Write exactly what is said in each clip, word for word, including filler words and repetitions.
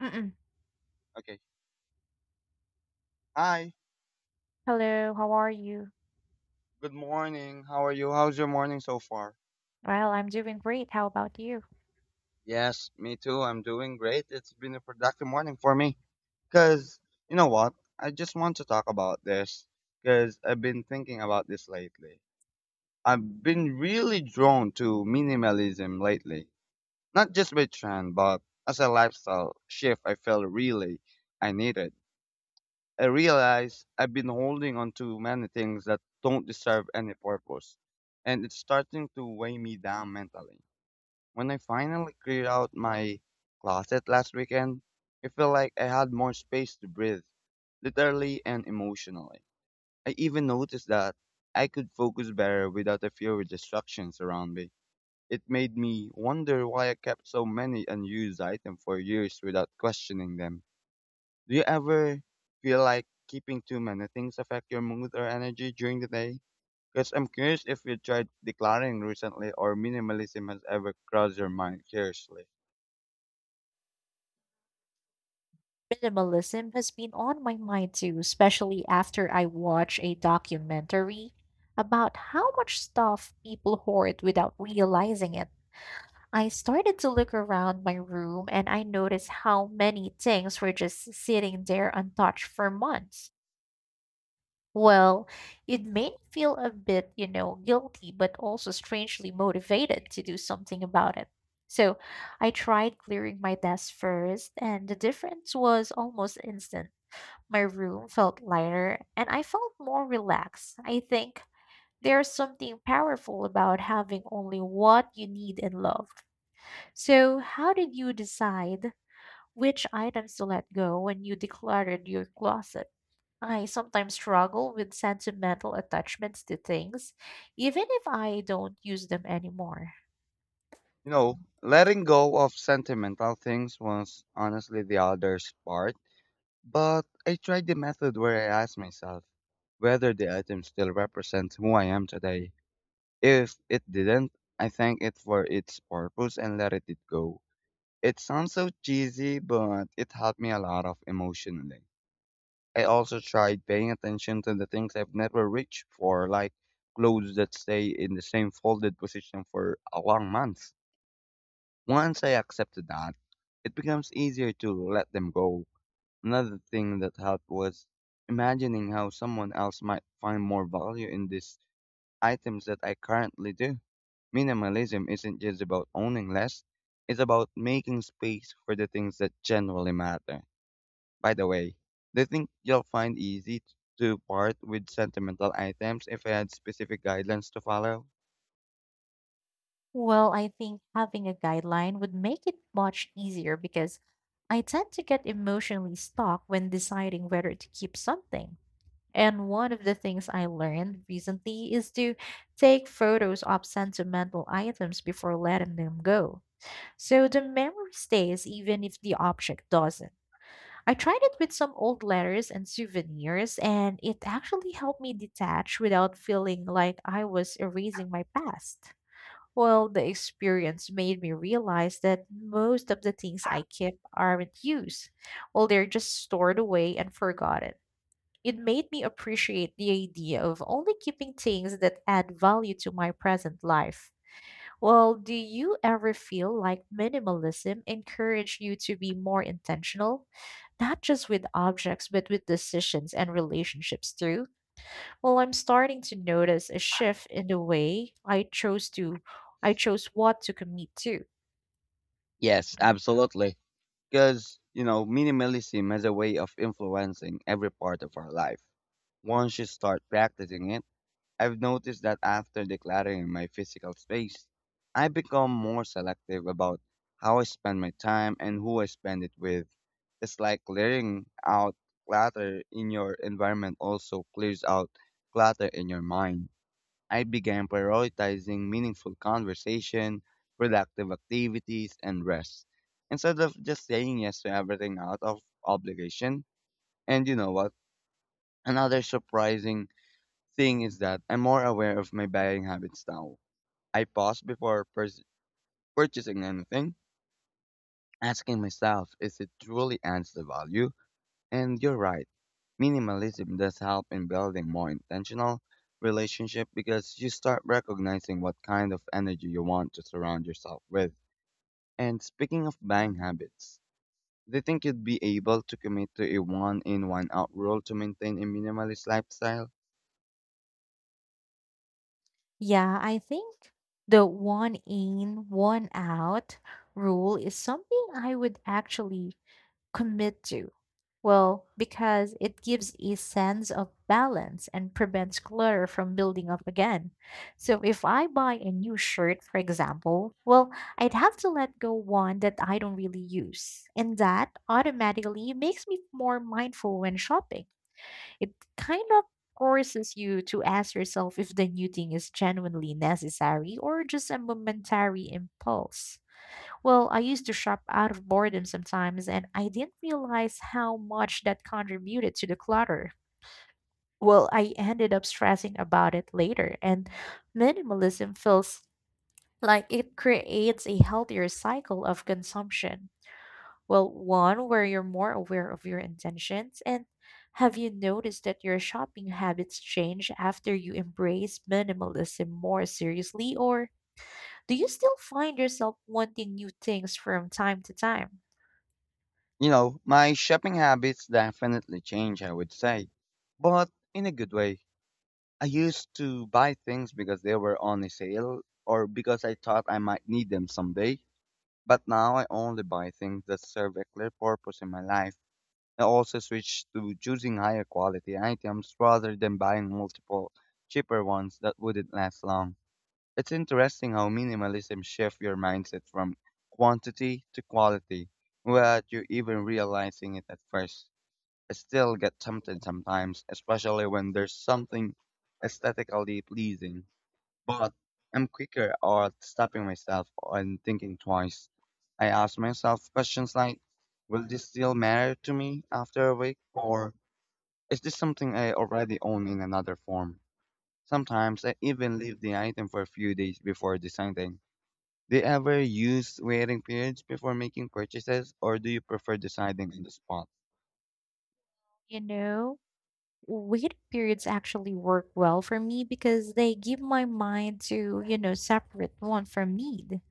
Mm-mm. Okay. Hi. Hello, how are you? Good morning. How are you? How's your morning so far? Well, I'm doing great. How about you? Yes, me too. I'm doing great. It's been a productive morning for me. Cause you know what? I just want to talk about this. Cause I've been thinking about this lately. I've been really drawn to minimalism lately. Not just by trend, but as a lifestyle shift I felt really I needed. I realize I've been holding on to many things that don't deserve any purpose, and it's starting to weigh me down mentally. When I finally cleared out my closet last weekend, I felt like I had more space to breathe, literally and emotionally. I even noticed that I could focus better without a few distractions around me. It made me wonder why I kept so many unused items for years without questioning them. Do you ever feel like keeping too many things affect your mood or energy during the day? Because I'm curious if you tried decluttering recently or minimalism has ever crossed your mind seriously. Minimalism has been on my mind too, especially after I watched a documentary about how much stuff people hoard without realizing it. I started to look around my room and I noticed how many things were just sitting there untouched for months. Well, it made me feel a bit, you know, guilty, but also strangely motivated to do something about it. So I tried clearing my desk first, and the difference was almost instant. My room felt lighter, and I felt more relaxed. I think there's something powerful about having only what you need and love. So, how did you decide which items to let go when you decluttered your closet? I sometimes struggle with sentimental attachments to things, even if I don't use them anymore. You know, letting go of sentimental things was honestly the hardest part, but I tried the method where I asked myself whether the item still represents who I am today. If it didn't, I thank it for its purpose and let it go. It sounds so cheesy, but it helped me a lot of emotionally. I also tried paying attention to the things I've never reached for, like clothes that stay in the same folded position for a long month. Once I accepted that, it becomes easier to let them go. Another thing that helped was imagining how someone else might find more value in these items that I currently do. Minimalism isn't just about owning less, it's about making space for the things that genuinely matter. By the way, do you think you'll find easy to part with sentimental items if I had specific guidelines to follow? Well, I think having a guideline would make it much easier because I tend to get emotionally stuck when deciding whether to keep something. And one of the things I learned recently is to take photos of sentimental items before letting them go. So the memory stays even if the object doesn't. I tried it with some old letters and souvenirs, and it actually helped me detach without feeling like I was erasing my past. Well, the experience made me realize that most of the things I keep aren't used. Well, they're just stored away and forgotten. It made me appreciate the idea of only keeping things that add value to my present life. Well, do you ever feel like minimalism encouraged you to be more intentional, not just with objects, but with decisions and relationships too? Well, I'm starting to notice a shift in the way I chose to I chose what to commit to. Yes, absolutely. Because, you know, minimalism has a way of influencing every part of our life. Once you start practicing it, I've noticed that after decluttering my physical space, I become more selective about how I spend my time and who I spend it with. It's like clearing out clutter in your environment also clears out clutter in your mind. I began prioritizing meaningful conversation, productive activities, and rest. Instead of just saying yes to everything out of obligation. And you know what? Another surprising thing is that I'm more aware of my buying habits now. I pause before pers- purchasing anything, asking myself, is it truly adds the value? And you're right, minimalism does help in building more intentional relationship because you start recognizing what kind of energy you want to surround yourself with. And speaking of buying habits, do you think you'd be able to commit to a one in one out rule to maintain a minimalist lifestyle? Yeah, I think the one in, one out rule is something I would actually commit to. Well, because it gives a sense of balance and prevents clutter from building up again. So if I buy a new shirt, for example, well, I'd have to let go one that I don't really use. And that automatically makes me more mindful when shopping. It kind of forces you to ask yourself if the new thing is genuinely necessary or just a momentary impulse. Well, I used to shop out of boredom sometimes, and I didn't realize how much that contributed to the clutter. Well, I ended up stressing about it later, and minimalism feels like it creates a healthier cycle of consumption. Well, one where you're more aware of your intentions, and have you noticed that your shopping habits change after you embrace minimalism more seriously, or do you still find yourself wanting new things from time to time? You know, my shopping habits definitely change, I would say, but in a good way. I used to buy things because they were on a sale or because I thought I might need them someday, but now I only buy things that serve a clear purpose in my life. I also switched to choosing higher quality items rather than buying multiple cheaper ones that wouldn't last long. It's interesting how minimalism shifts your mindset from quantity to quality without you even realizing it at first. I still get tempted sometimes, especially when there's something aesthetically pleasing, but I'm quicker at stopping myself and thinking twice. I ask myself questions like, will this still matter to me after a week? Or is this something I already own in another form? Sometimes I even leave the item for a few days before deciding. Do you ever use waiting periods before making purchases, or do you prefer deciding on the spot? You know, wait periods actually work well for me because they give my mind to, you know, separate want from need.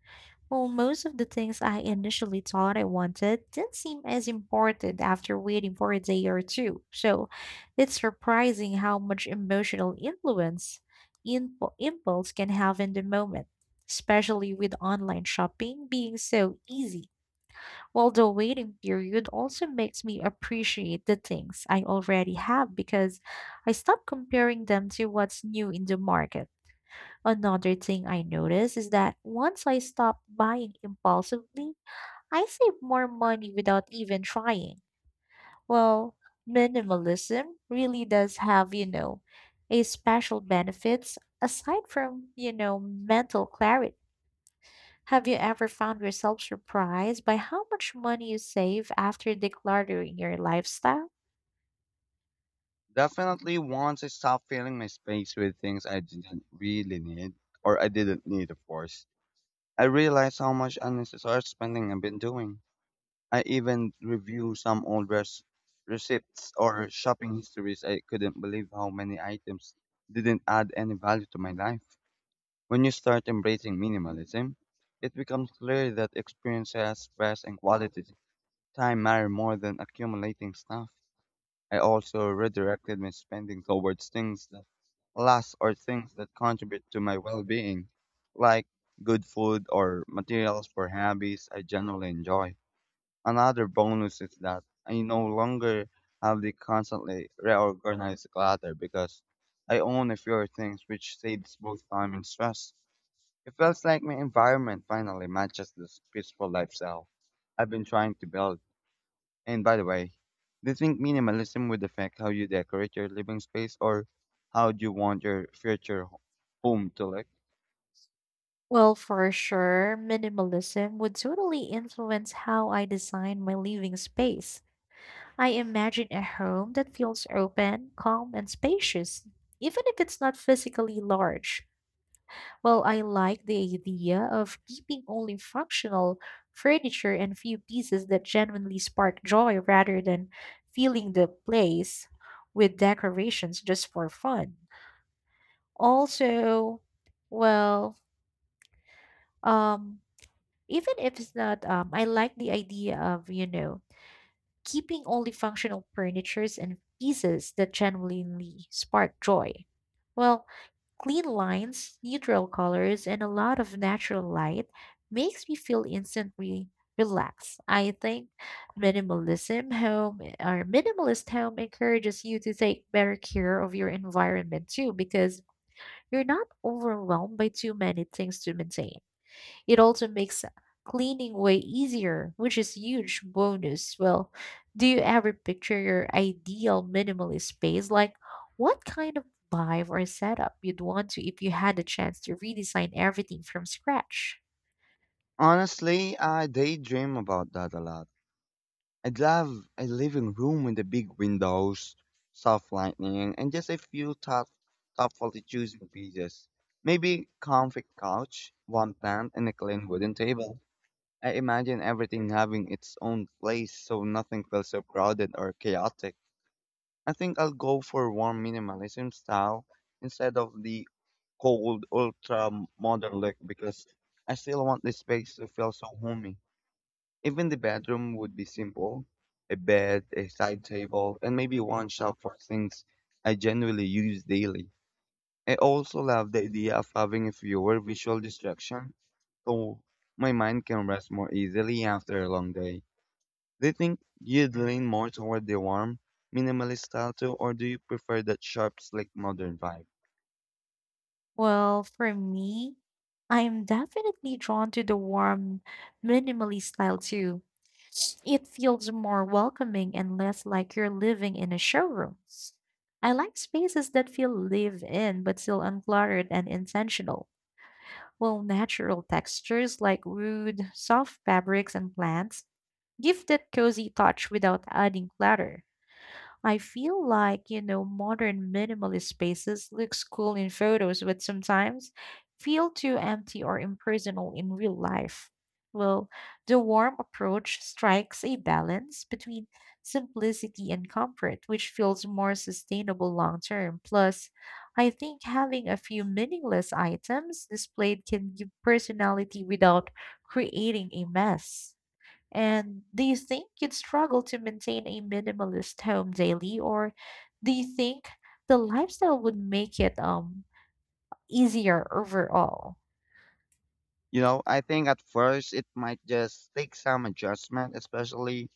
Well, most of the things I initially thought I wanted didn't seem as important after waiting for a day or two. So it's surprising how much emotional influence impu- impulse can have in the moment, especially with online shopping being so easy. Well, the waiting period also makes me appreciate the things I already have because I stop comparing them to what's new in the market. Another thing I notice is that once I stop buying impulsively, I save more money without even trying. Well, minimalism really does have, you know, a special benefits aside from, you know, mental clarity. Have you ever found yourself surprised by how much money you save after decluttering your lifestyle? Definitely, once I stopped filling my space with things I didn't really need, or I didn't need, of course, I realized how much unnecessary spending I've been doing. I even review some old res- receipts or shopping histories. I couldn't believe how many items didn't add any value to my life. When you start embracing minimalism, it becomes clear that experiences, stress, and quality time mattered more than accumulating stuff. I also redirected my spending towards things that last or things that contribute to my well being, like good food or materials for hobbies I generally enjoy. Another bonus is that I no longer have the constantly reorganized clutter because I own a fewer things which saves both time and stress. It feels like my environment finally matches this peaceful lifestyle I've been trying to build. And by the way, do you think minimalism would affect how you decorate your living space or how you want your future ho- home to look? Well, for sure, minimalism would totally influence how I design my living space. I imagine a home that feels open, calm, and spacious, even if it's not physically large. Well, I like the idea of keeping only functional furniture and few pieces that genuinely spark joy rather than filling the place with decorations just for fun. Also, well, um, even if it's not, um, I like the idea of, you know, keeping only functional furnitures and pieces that genuinely spark joy. Well, clean lines, neutral colors, and a lot of natural light makes me feel instantly relaxed. I think minimalism home or minimalist home encourages you to take better care of your environment too because you're not overwhelmed by too many things to maintain. It also makes cleaning way easier, which is huge bonus. Well, do you ever picture your ideal minimalist space? Like what kind of vibe or setup you'd want to if you had the chance to redesign everything from scratch? Honestly, I daydream about that a lot. I'd love a living room with the big windows, soft lighting, and just a few tough, thoughtfully chosen pieces. Maybe comfy couch, one plant, and a clean wooden table. I imagine everything having its own place so nothing feels so crowded or chaotic. I think I'll go for warm minimalism style instead of the cold ultra modern look because I still want the space to feel so homey. Even the bedroom would be simple, a bed, a side table, and maybe one shelf for things I genuinely use daily. I also love the idea of having a fewer visual distraction so my mind can rest more easily after a long day. Do you think you'd lean more toward the warm, minimalist style too, or do you prefer that sharp, slick, modern vibe? Well, for me, I am definitely drawn to the warm, minimally style too. It feels more welcoming and less like you're living in a showroom. I like spaces that feel live in but still uncluttered and intentional. Well, natural textures like wood, soft fabrics, and plants give that cozy touch without adding clutter. I feel like, you know, modern minimalist spaces looks cool in photos, but sometimes feel too empty or impersonal in real life. Well, the warm approach strikes a balance between simplicity and comfort, which feels more sustainable long term. Plus, I think having a few meaningless items displayed can give personality without creating a mess. And do you think you'd struggle to maintain a minimalist home daily, or do you think the lifestyle would make it um easier overall? You know, I think at first it might just take some adjustment, especially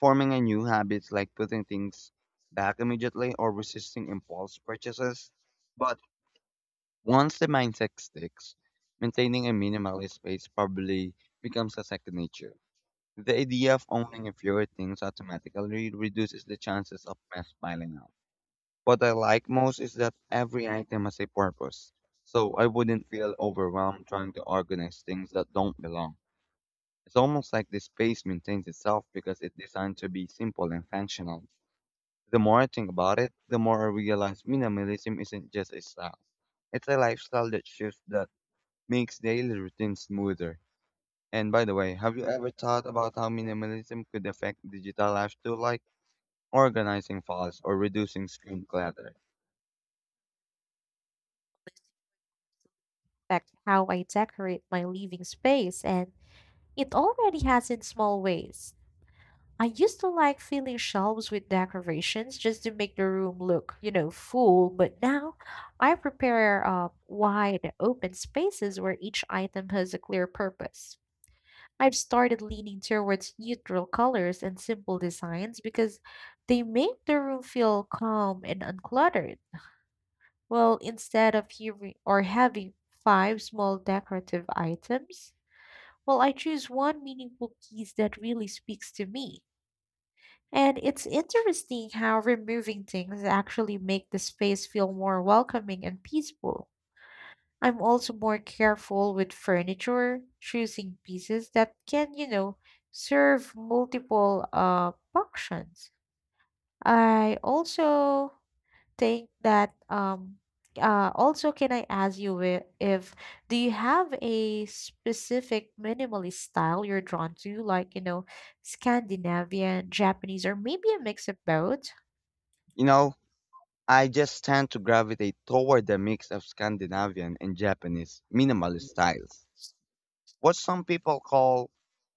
forming a new habits like putting things back immediately or resisting impulse purchases. But once the mindset sticks, maintaining a minimalist space probably becomes a second nature. The idea of owning fewer things automatically reduces the chances of mess piling up. What I like most is that every item has a purpose, so I wouldn't feel overwhelmed trying to organize things that don't belong. It's almost like the space maintains itself because it's designed to be simple and functional. The more I think about it, the more I realize minimalism isn't just a style. It's a lifestyle that shift that makes daily routines smoother. And by the way, have you ever thought about how minimalism could affect digital life too, like organizing files or reducing screen clutter? Like how I decorate my living space, and it already has in small ways. I used to like filling shelves with decorations just to make the room look, you know, full, but now I prepare uh, wide open spaces where each item has a clear purpose. I've started leaning towards neutral colors and simple designs because they make the room feel calm and uncluttered. Well, instead of hearing or having five small decorative items, well, I choose one meaningful piece that really speaks to me. And it's interesting how removing things actually make the space feel more welcoming and peaceful. I'm also more careful with furniture, choosing pieces that can, you know, serve multiple uh, functions. I also think that um uh, also can I ask you if, if do you have a specific minimalist style you're drawn to, like you know, Scandinavian, Japanese, or maybe a mix of both? You know, I just tend to gravitate toward the mix of Scandinavian and Japanese minimalist styles, what some people call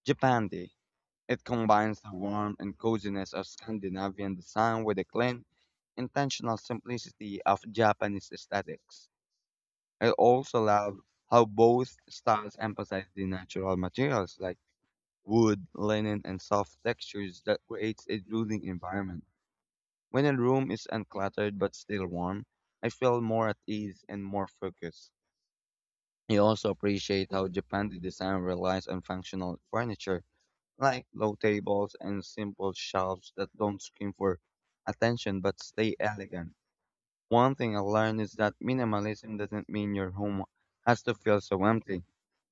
Japandi. It combines the warmth and coziness of Scandinavian design with the clean, intentional simplicity of Japanese aesthetics. I also love how both styles emphasize the natural materials like wood, linen, and soft textures that creates a soothing environment. When a room is uncluttered but still warm, I feel more at ease and more focused. I also appreciate how Japan's design relies on functional furniture, like low tables and simple shelves that don't scream for attention but stay elegant. One thing I learned is that minimalism doesn't mean your home has to feel so empty.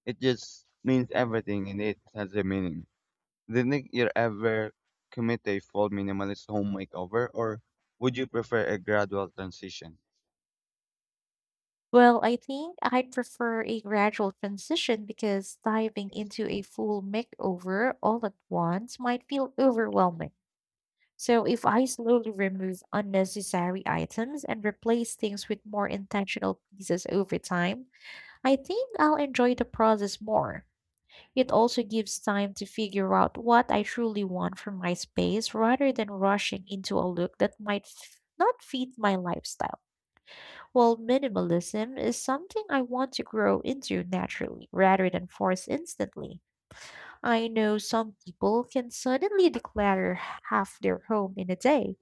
It just means everything in it has a meaning. Didn't you ever commit a full minimalist home makeover, or would you prefer a gradual transition? Well, I think I'd prefer a gradual transition because diving into a full makeover all at once might feel overwhelming. So, if I slowly remove unnecessary items and replace things with more intentional pieces over time, I think I'll enjoy the process more. It also gives time to figure out what I truly want from my space rather than rushing into a look that might f- not fit my lifestyle. Well, minimalism is something I want to grow into naturally rather than force instantly. I know some people can suddenly declutter half their home in a day,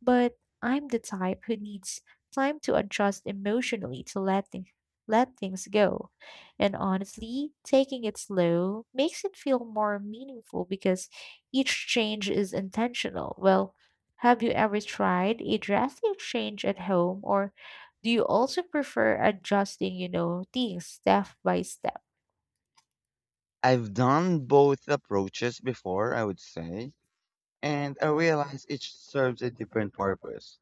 but I'm the type who needs time to adjust emotionally to let, thing- let things go. And honestly, taking it slow makes it feel more meaningful because each change is intentional. Well, have you ever tried a drastic change at home or do you also prefer adjusting, you know, things step by step? I've done both approaches before, I would say, and I realize each serves a different purpose.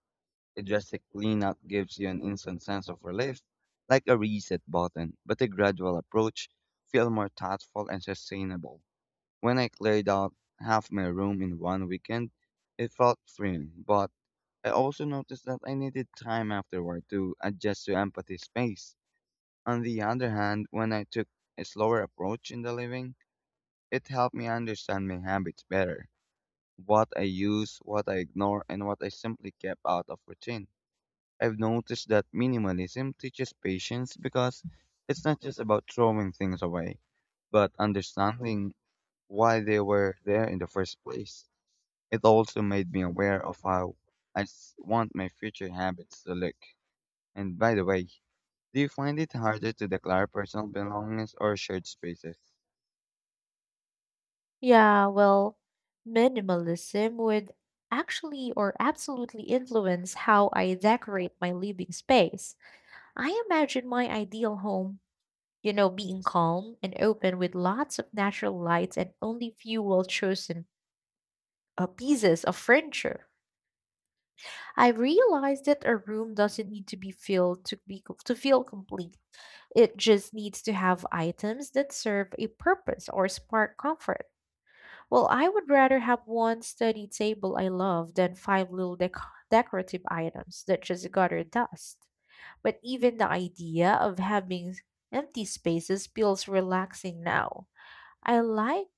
A drastic cleanup gives you an instant sense of relief, like a reset button, but a gradual approach feels more thoughtful and sustainable. When I cleared out half my room in one weekend, it felt freeing, but I also noticed that I needed time afterward to adjust to empty space. On the other hand, when I took a slower approach in the living, it helped me understand my habits better, what I use, what I ignore, and what I simply kept out of routine. I've noticed that minimalism teaches patience because it's not just about throwing things away, but understanding why they were there in the first place. It also made me aware of how I s- want my future habits to look. And by the way, do you find it harder to declare personal belongings or shared spaces? Yeah, well, minimalism would actually or absolutely influence how I decorate my living space. I imagine my ideal home, you know, being calm and open with lots of natural lights and only few well-chosen uh, pieces of furniture. I realized that a room doesn't need to be filled to be co- to feel complete. It just needs to have items that serve a purpose or spark comfort. Well, I would rather have one study table I love than five little dec- decorative items that just gather dust. But even the idea of having empty spaces feels relaxing now. I like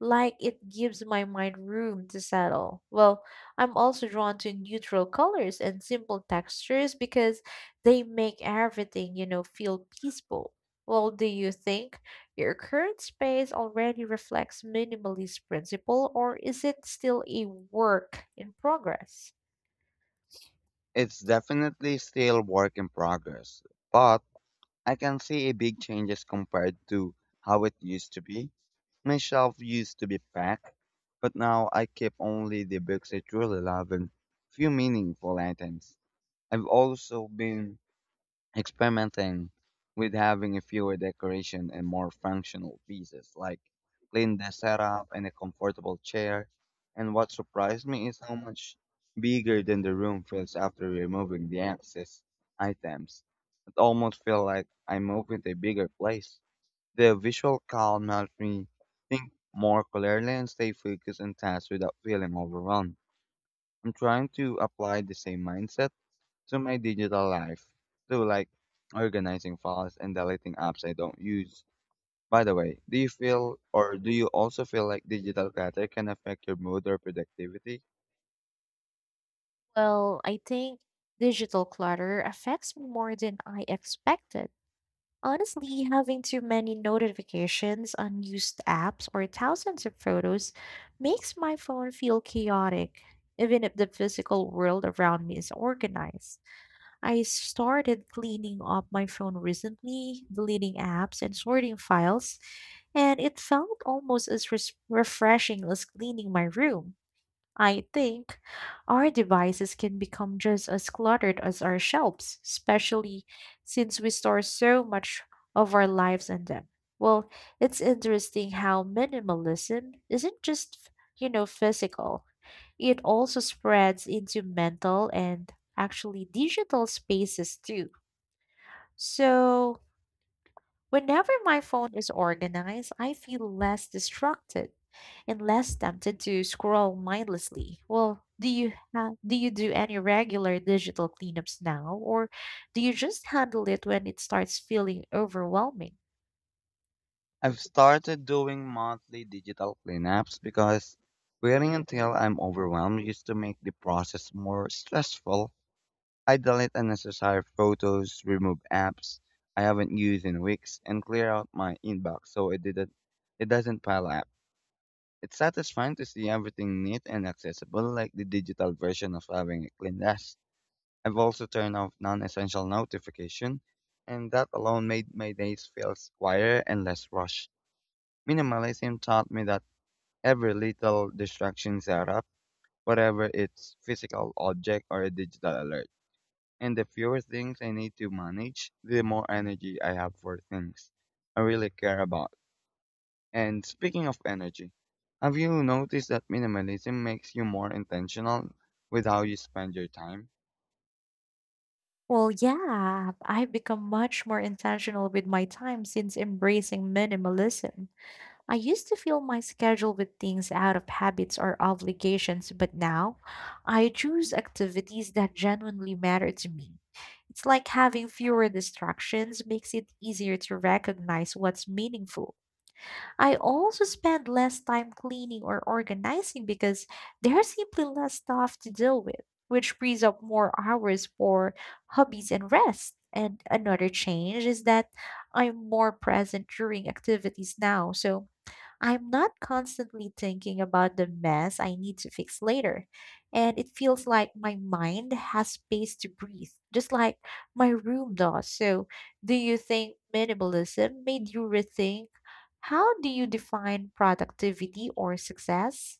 like it gives my mind room to settle. Well, I'm also drawn to neutral colors and simple textures because they make everything, you know, feel peaceful. Well, do you think your current space already reflects minimalist principle or is it still a work in progress? It's definitely still work in progress, but I can see a big changes compared to how it used to be. My shelf used to be packed, but now I keep only the books I truly love and few meaningful items. I've also been experimenting with having a fewer decoration and more functional pieces, like clean the setup and a comfortable chair. And what surprised me is how much bigger than the room feels after removing the excess items. It almost feel like I moved into a bigger place. The visual calm helps me think more clearly and stay focused on tasks without feeling overwhelmed. I'm trying to apply the same mindset to my digital life, to like organizing files and deleting apps I don't use. By the way, do you feel or do you also feel like digital clutter can affect your mood or productivity? Well, I think digital clutter affects me more than I expected. Honestly, having too many notifications, unused apps, or thousands of photos makes my phone feel chaotic, even if the physical world around me is organized. I started cleaning up my phone recently, deleting apps and sorting files, and it felt almost as res- refreshing as cleaning my room. I think our devices can become just as cluttered as our shelves, especially since we store so much of our lives in them. Well, it's interesting how minimalism isn't just, you know, physical. It also spreads into mental and actually digital spaces too. So, whenever my phone is organized, I feel less distracted and less tempted to scroll mindlessly. Well, do you ha- do you do any regular digital cleanups now or do you just handle it when it starts feeling overwhelming? I've started doing monthly digital cleanups because waiting until I'm overwhelmed used to make the process more stressful. I delete unnecessary photos, remove apps I haven't used in weeks, and clear out my inbox so it didn't it doesn't pile up. It's satisfying to see everything neat and accessible, like the digital version of having a clean desk. I've also turned off non-essential notification, and that alone made my days feel quieter and less rushed. Minimalism taught me that every little distraction set up, whatever its physical object or a digital alert. And the fewer things I need to manage, the more energy I have for things I really care about. And speaking of energy, have you noticed that minimalism makes you more intentional with how you spend your time? Well, yeah, I've become much more intentional with my time since embracing minimalism. I used to fill my schedule with things out of habits or obligations, but now I choose activities that genuinely matter to me. It's like having fewer distractions makes it easier to recognize what's meaningful. I also spend less time cleaning or organizing because there's simply less stuff to deal with, which frees up more hours for hobbies and rest. And another change is that I'm more present during activities now, so I'm not constantly thinking about the mess I need to fix later. And it feels like my mind has space to breathe, just like my room does. So, do you think minimalism made you rethink how do you define productivity or success?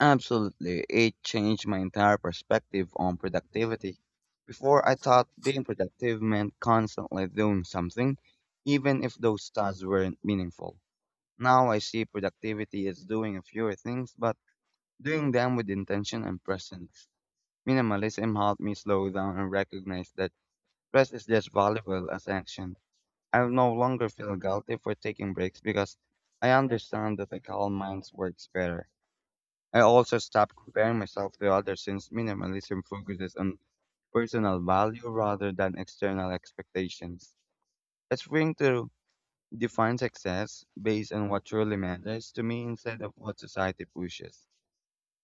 Absolutely. It changed my entire perspective on productivity. Before, I thought being productive meant constantly doing something, even if those tasks weren't meaningful. Now I see productivity as doing a fewer things, but doing them with intention and presence. Minimalism helped me slow down and recognize that rest is just valuable as action. I no longer feel guilty for taking breaks because I understand that a calm mind works better. I also stopped comparing myself to others since minimalism focuses on personal value rather than external expectations. It's freeing to define success based on what truly matters to me instead of what society pushes.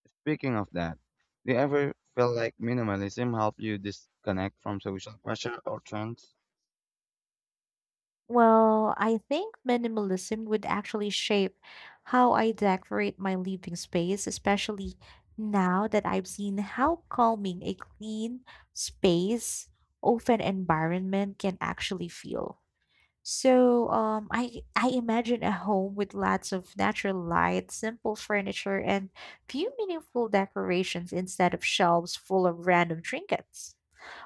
Speaking of that, do you ever feel like minimalism helped you disconnect from social pressure or trends? Well, I think minimalism would actually shape how I decorate my living space, especially now that I've seen how calming a clean space, open environment can actually feel. So, um, I I imagine a home with lots of natural light, simple furniture, and few meaningful decorations instead of shelves full of random trinkets.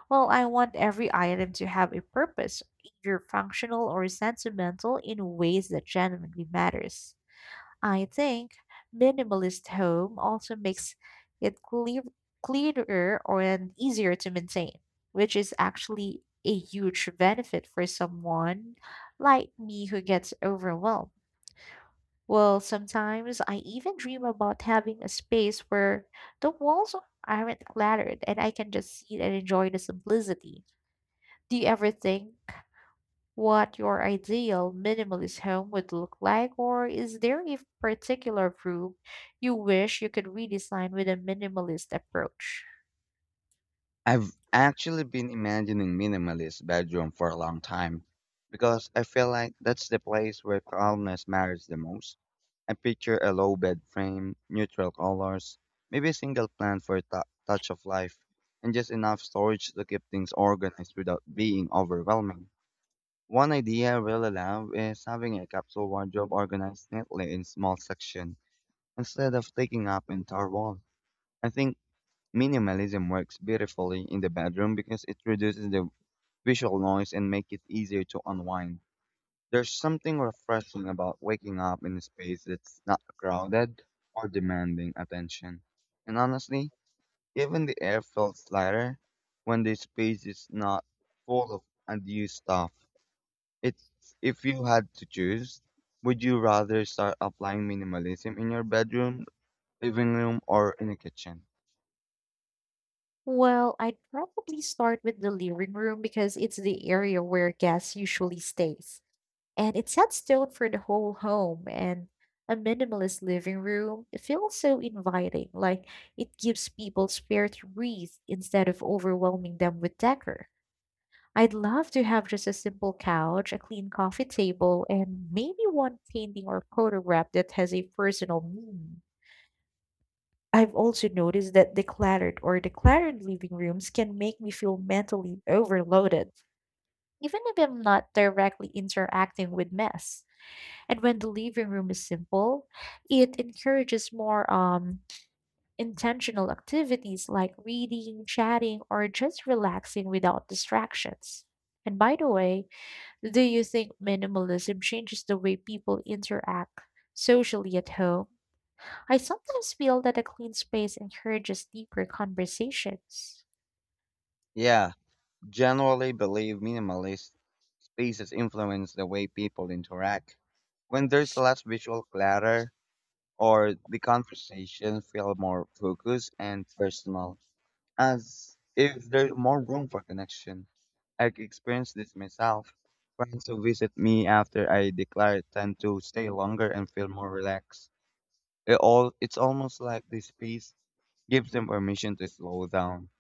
Well, I want every item to have a purpose, either functional or sentimental, in ways that genuinely matters. I think minimalist home also makes it clear, clearer or and easier to maintain, which is actually a huge benefit for someone like me who gets overwhelmed. Well, sometimes I even dream about having a space where the walls aren't cluttered and I can just sit and enjoy the simplicity. Do you ever think what your ideal minimalist home would look like, or is there a particular room you wish you could redesign with a minimalist approach? I've actually been imagining minimalist bedroom for a long time because I feel like that's the place where calmness matters the most. I picture a low bed frame, neutral colors, maybe a single plant for a tou- touch of life, and just enough storage to keep things organized without being overwhelming. One idea I really love is having a capsule wardrobe organized neatly in small sections instead of taking up entire wall. I think minimalism works beautifully in the bedroom because it reduces the visual noise and make it easier to unwind. There's something refreshing about waking up in a space that's not crowded or demanding attention. And honestly, even the air feels lighter when the space is not full of unused stuff. It's, if you had to choose, would you rather start applying minimalism in your bedroom, living room, or in the kitchen? Well, I'd probably start with the living room because it's the area where guests usually stays. And it sets tone for the whole home and a minimalist living room it feels so inviting, like it gives people space to breathe instead of overwhelming them with decor. I'd love to have just a simple couch, a clean coffee table, and maybe one painting or photograph that has a personal meaning. I've also noticed that decluttered or decluttered living rooms can make me feel mentally overloaded, even if I'm not directly interacting with mess. And when the living room is simple, it encourages more um, intentional activities like reading, chatting, or just relaxing without distractions. And by the way, do you think minimalism changes the way people interact socially at home? I sometimes feel that a clean space encourages deeper conversations. Yeah, generally believe minimalist spaces influence the way people interact. When there's less visual clutter or the conversation feel more focused and personal, as if there's more room for connection. I experienced this myself. Friends who visit me after I declare tend to stay longer and feel more relaxed. It all it's almost like this space gives them permission to slow down.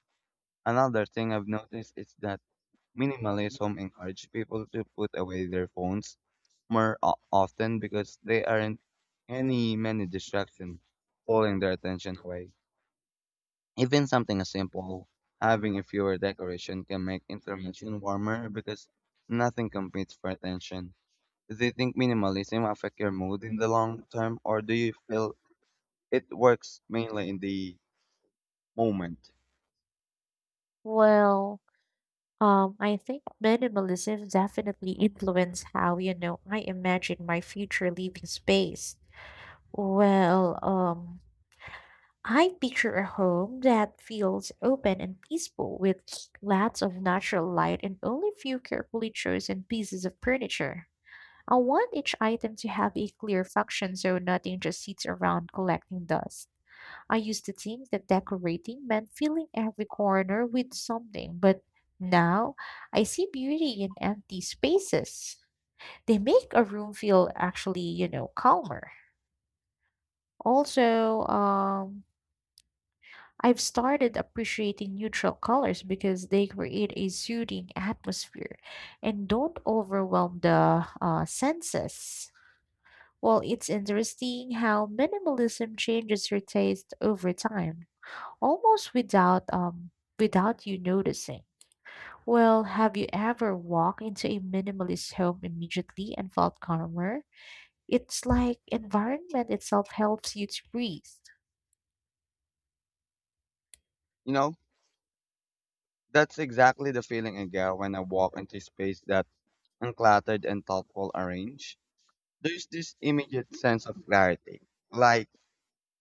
Another thing I've noticed is that minimalism encourages people to put away their phones more o- often because they aren't any many distractions pulling their attention away. Even something as simple having a fewer decoration can make intervention warmer because nothing competes for attention. Do you think minimalism affect your mood in the long term or do you feel it works mainly in the moment? Well, um, I think minimalism definitely influenced how, you know, I imagine my future living space. Well, um, I picture a home that feels open and peaceful with lots of natural light and only few carefully chosen pieces of furniture. I want each item to have a clear function so nothing just sits around collecting dust. I used to think that decorating meant filling every corner with something, but now I see beauty in empty spaces. They make a room feel actually, you know, calmer. Also, um, I've started appreciating neutral colors because they create a soothing atmosphere and don't overwhelm the uh, senses. Well, it's interesting how minimalism changes your taste over time, almost without um without you noticing. Well, have you ever walked into a minimalist home immediately and felt calmer? It's like environment itself helps you to breathe. You know, that's exactly the feeling I get when I walk into space that uncluttered and thoughtful arrange, there's this immediate sense of clarity. Like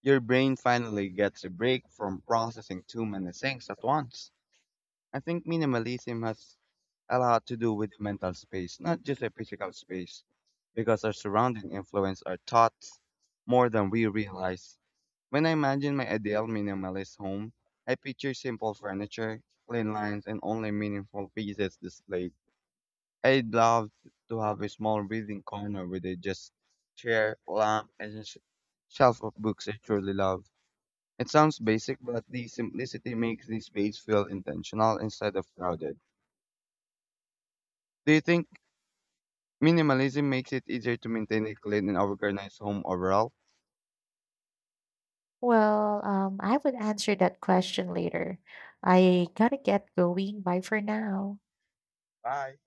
your brain finally gets a break from processing too many things at once. I think minimalism has a lot to do with mental space, not just a physical space, because our surrounding influence our thoughts more than we realize. When I imagine my ideal minimalist home, I picture simple furniture, clean lines, and only meaningful pieces displayed. I'd love to have a small reading corner with a just chair, lamp, and a sh- shelf of books I truly love. It sounds basic, but the simplicity makes the space feel intentional instead of crowded. Do you think minimalism makes it easier to maintain a clean and organized home overall? Well, um, I would answer that question later. I gotta get going. Bye for now. Bye.